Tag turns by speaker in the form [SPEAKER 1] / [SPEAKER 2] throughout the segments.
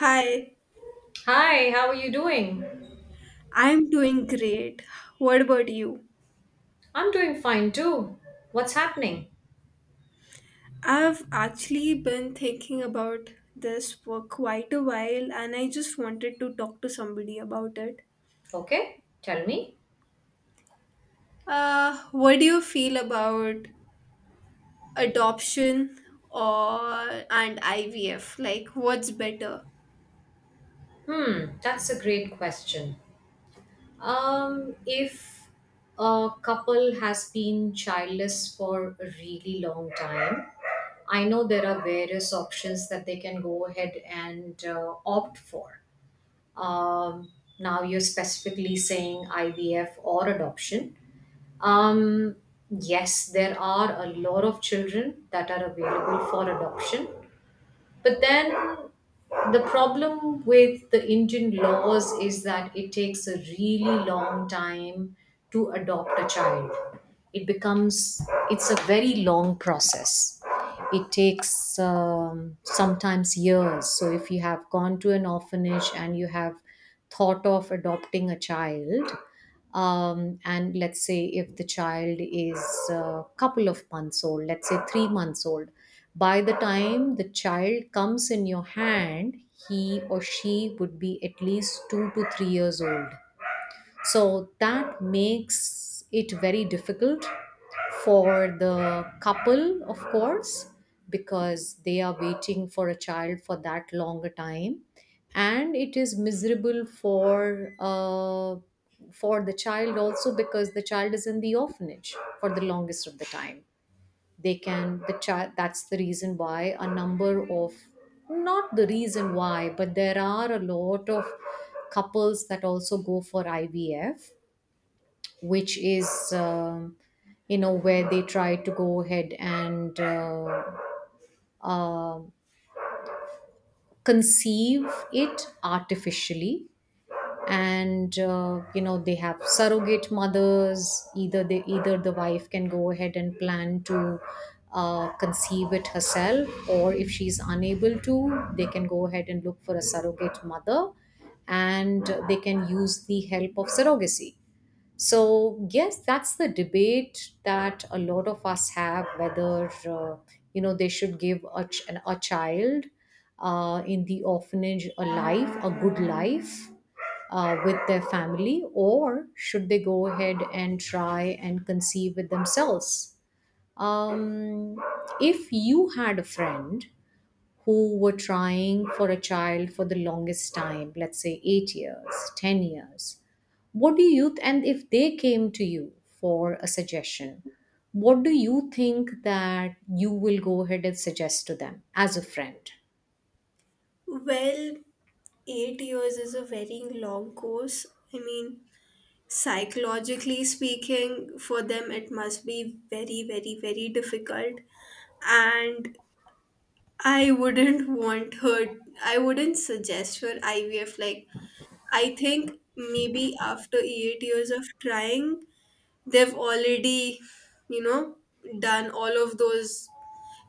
[SPEAKER 1] Hi,
[SPEAKER 2] Hi, how are you doing?
[SPEAKER 1] I'm doing great. What about you?
[SPEAKER 2] I'm doing fine too. What's happening?
[SPEAKER 1] I've actually been thinking about this for quite a while and I just wanted to talk to somebody about it.
[SPEAKER 2] Okay, tell me.
[SPEAKER 1] What do you feel about adoption or and IVF? Like what's better?
[SPEAKER 2] Hmm, that's a great question. If a couple has been childless for a really long time, I know there are various options that they can go ahead and opt for. Um, Now you're specifically saying IVF or adoption. Um, yes, there are a lot of children that are available for adoption. But then the problem with the Indian laws is that it takes a really long time to adopt a child. It becomes, it's a very long process. It takes sometimes years. So if you have gone to an orphanage and you have thought of adopting a child, and let's say if the child is a couple of months old, let's say 3 months old, by the time the child comes in your hand, he or she would be at least 2 to 3 years old. So that makes it very difficult for the couple, of course, because they are waiting for a child for that longer time. And it is miserable for the child also because the child is in the orphanage for the longest of the time they can the child that's the reason why a number of not the reason why but there are a lot of couples that also go for ivf which is you know where they try to go ahead and uh, conceive it artificially and you know they have surrogate mothers either the wife can go ahead and plan to conceive it herself, or if she's unable to they can go ahead and look for a surrogate mother and they can use the help of surrogacy. So yes, that's the debate that a lot of us have, whether you know they should give a child in the orphanage a life, a good life with their family, or should they go ahead and try and conceive with themselves? Um, if you had a friend who were trying for a child for the longest time, let's say 8 years, 10 years, what do you, and if they came to you for a suggestion, what do you think that you will go ahead and suggest to them as a friend?
[SPEAKER 1] Well, 8 years is a very long course. I mean, psychologically speaking, for them it must be very difficult and I wouldn't want her, I wouldn't suggest for IVF. Like, I think maybe after 8 years of trying, they've already, you know, done all of those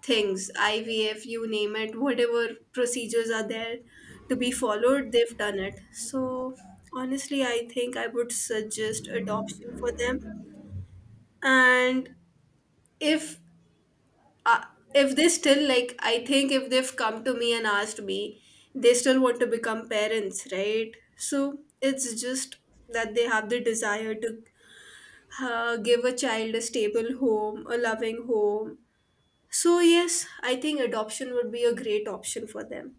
[SPEAKER 1] things IVF, you name it, whatever procedures are there to be followed, they've done it. So, honestly, I think I would suggest adoption for them. And if uh, if they still like I think if they've come to me and asked me, they still want to become parents, right? So it's just that they have the desire to give a child a stable home, a loving home. So yes, I think adoption would be a great option for them.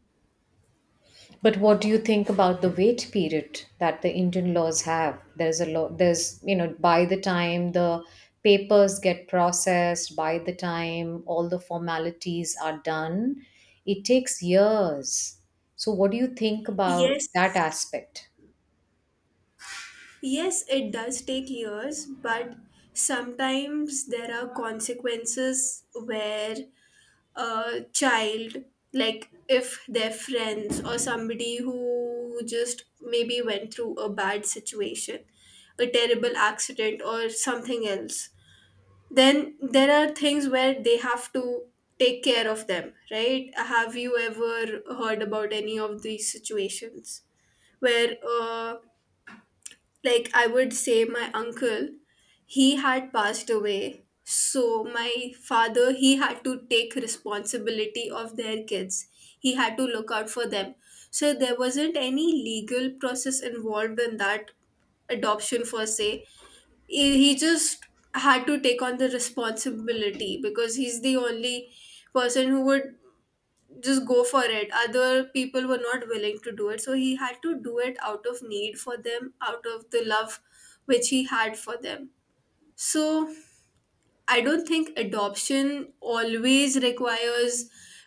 [SPEAKER 2] But what do you think about the wait period that the Indian laws have? There's a lot, there's, you know, by the time the papers get processed, by the time all the formalities are done, it takes years. So, what do you think about
[SPEAKER 1] Yes,
[SPEAKER 2] that aspect?
[SPEAKER 1] yes it does take years, but sometimes there are consequences where a child, like if their friends or somebody who just maybe went through a bad situation, a terrible accident or something else, then there are things where they have to take care of them, right? Have you ever heard about any of these situations where like I would say my uncle, he had passed away. So my father, he had to take responsibility of their kids. He had to look out for them. So there wasn't any legal process involved in that adoption per se. He just had to take on the responsibility because he's the only person who would just go for it. Other people were not willing to do it, so he had to do it out of need for them, out of the love which he had for them. So I don't think adoption always requires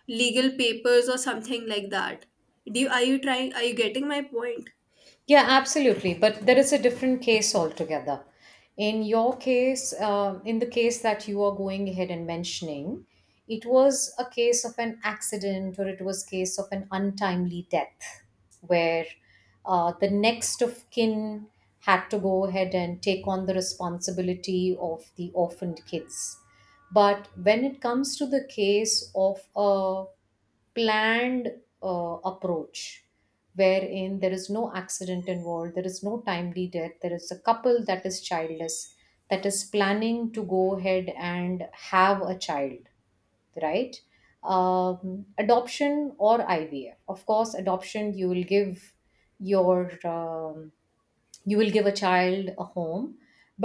[SPEAKER 1] legal papers or something like that. Do you, are you trying, are you getting my point?
[SPEAKER 2] Yeah, absolutely. But there is a different case altogether. In your case, in the case that you are going ahead and mentioning, it was a case of an accident or it was case of an untimely death where the next of kin had to go ahead and take on the responsibility of the orphaned kids. But when it comes to the case of a planned approach, wherein there is no accident involved, there is no timely death, there is a couple that is childless, that is planning to go ahead and have a child, right? Adoption or IVF. Of course, adoption you will give your you will give a child a home,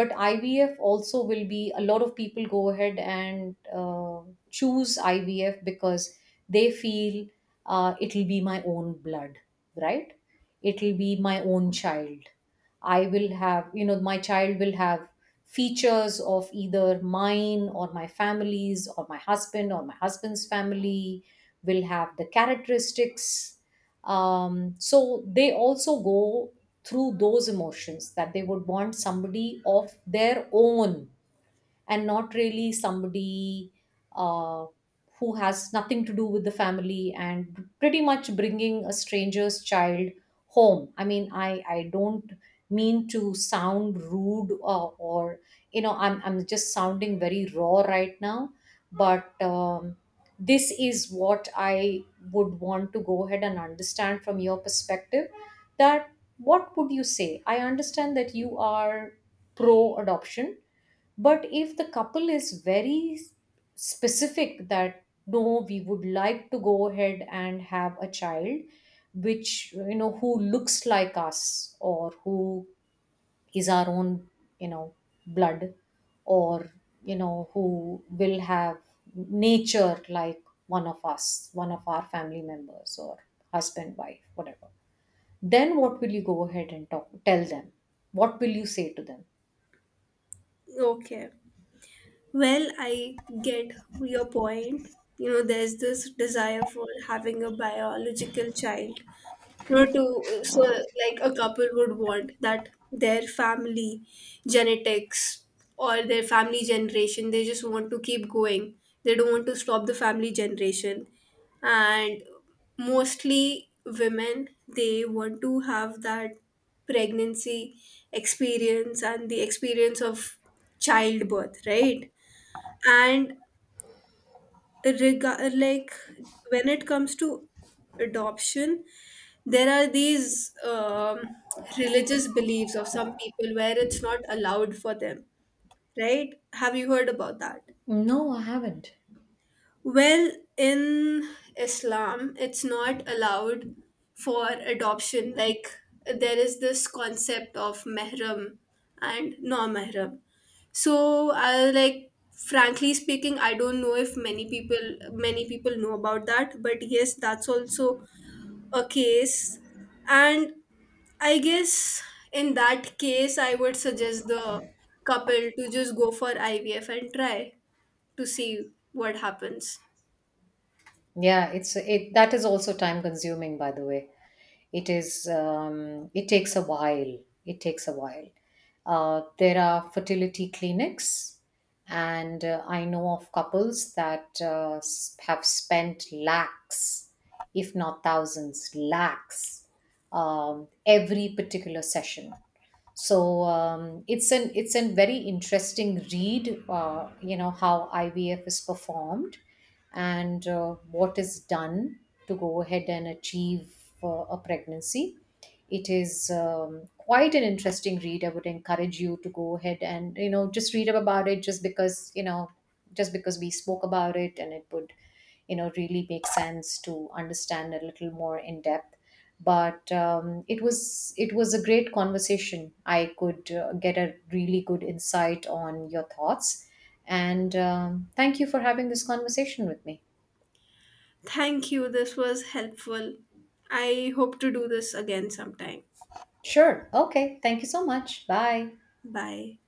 [SPEAKER 2] but ivf also will be, a lot of people go ahead and uh, choose ivf because they feel it'll be my own blood, right, it'll be my own child. I will have, you know, my child will have features of either mine or my family's or my husband or my husband's family, will have the characteristics. So they also go through those emotions that they would want somebody of their own, and not really somebody uh, who has nothing to do with the family, and pretty much bringing a stranger's child home. I mean, I don't mean to sound rude or, you know, I'm just sounding very raw right now, but this is what I would want to go ahead and understand from your perspective, that what would you say? I understand that you are pro adoption, but if the couple is specific that no, we would like to go ahead and have a child, which, you know, who looks like us, or who is our own, you know, blood, or, you know, who will have nature like one of us, one of our family members, or husband, wife, whatever, then what will you go ahead and tell them? What will you say to them?
[SPEAKER 1] Okay, well I get your point. There's this desire for having a biological child. No, to so like a couple would want that their family genetics or their family generation, they just want to keep going. They don't want to stop the family generation. And mostly women, they want to have that pregnancy experience and the experience of childbirth, right? And rega- like when it comes to adoption, there are these religious beliefs of some people where it's not allowed for them, right? Have you heard about that?
[SPEAKER 2] No, I haven't.
[SPEAKER 1] Well, in islam it's not allowed for adoption. Like, there is this concept of mehram and non-mehram. So I like frankly speaking, I don't know if many people, many people know about that, but yes, that's also a case. And I guess in that case, I would suggest the couple to just go for IVF and try to see what happens.
[SPEAKER 2] Yeah, it that is also time consuming, by the way. It is it takes a while, it takes a while there are fertility clinics, and I know of couples that have spent lakhs, if not thousands lakhs, every particular session. So it's an very interesting read, you know, how ivf is performed and what is done to go ahead and achieve a pregnancy. It is quite an interesting read. I would encourage you to go ahead and, you know, just read up about it, just because you know, just because we spoke about it, and it would, you know, really make sense to understand a little more in depth. But it was a great conversation. I could get a really good insight on your thoughts, and thank you for having this conversation with me.
[SPEAKER 1] Thank you. This was helpful. I hope to do this again sometime.
[SPEAKER 2] Sure. Okay. Thank you so much. Bye.
[SPEAKER 1] Bye.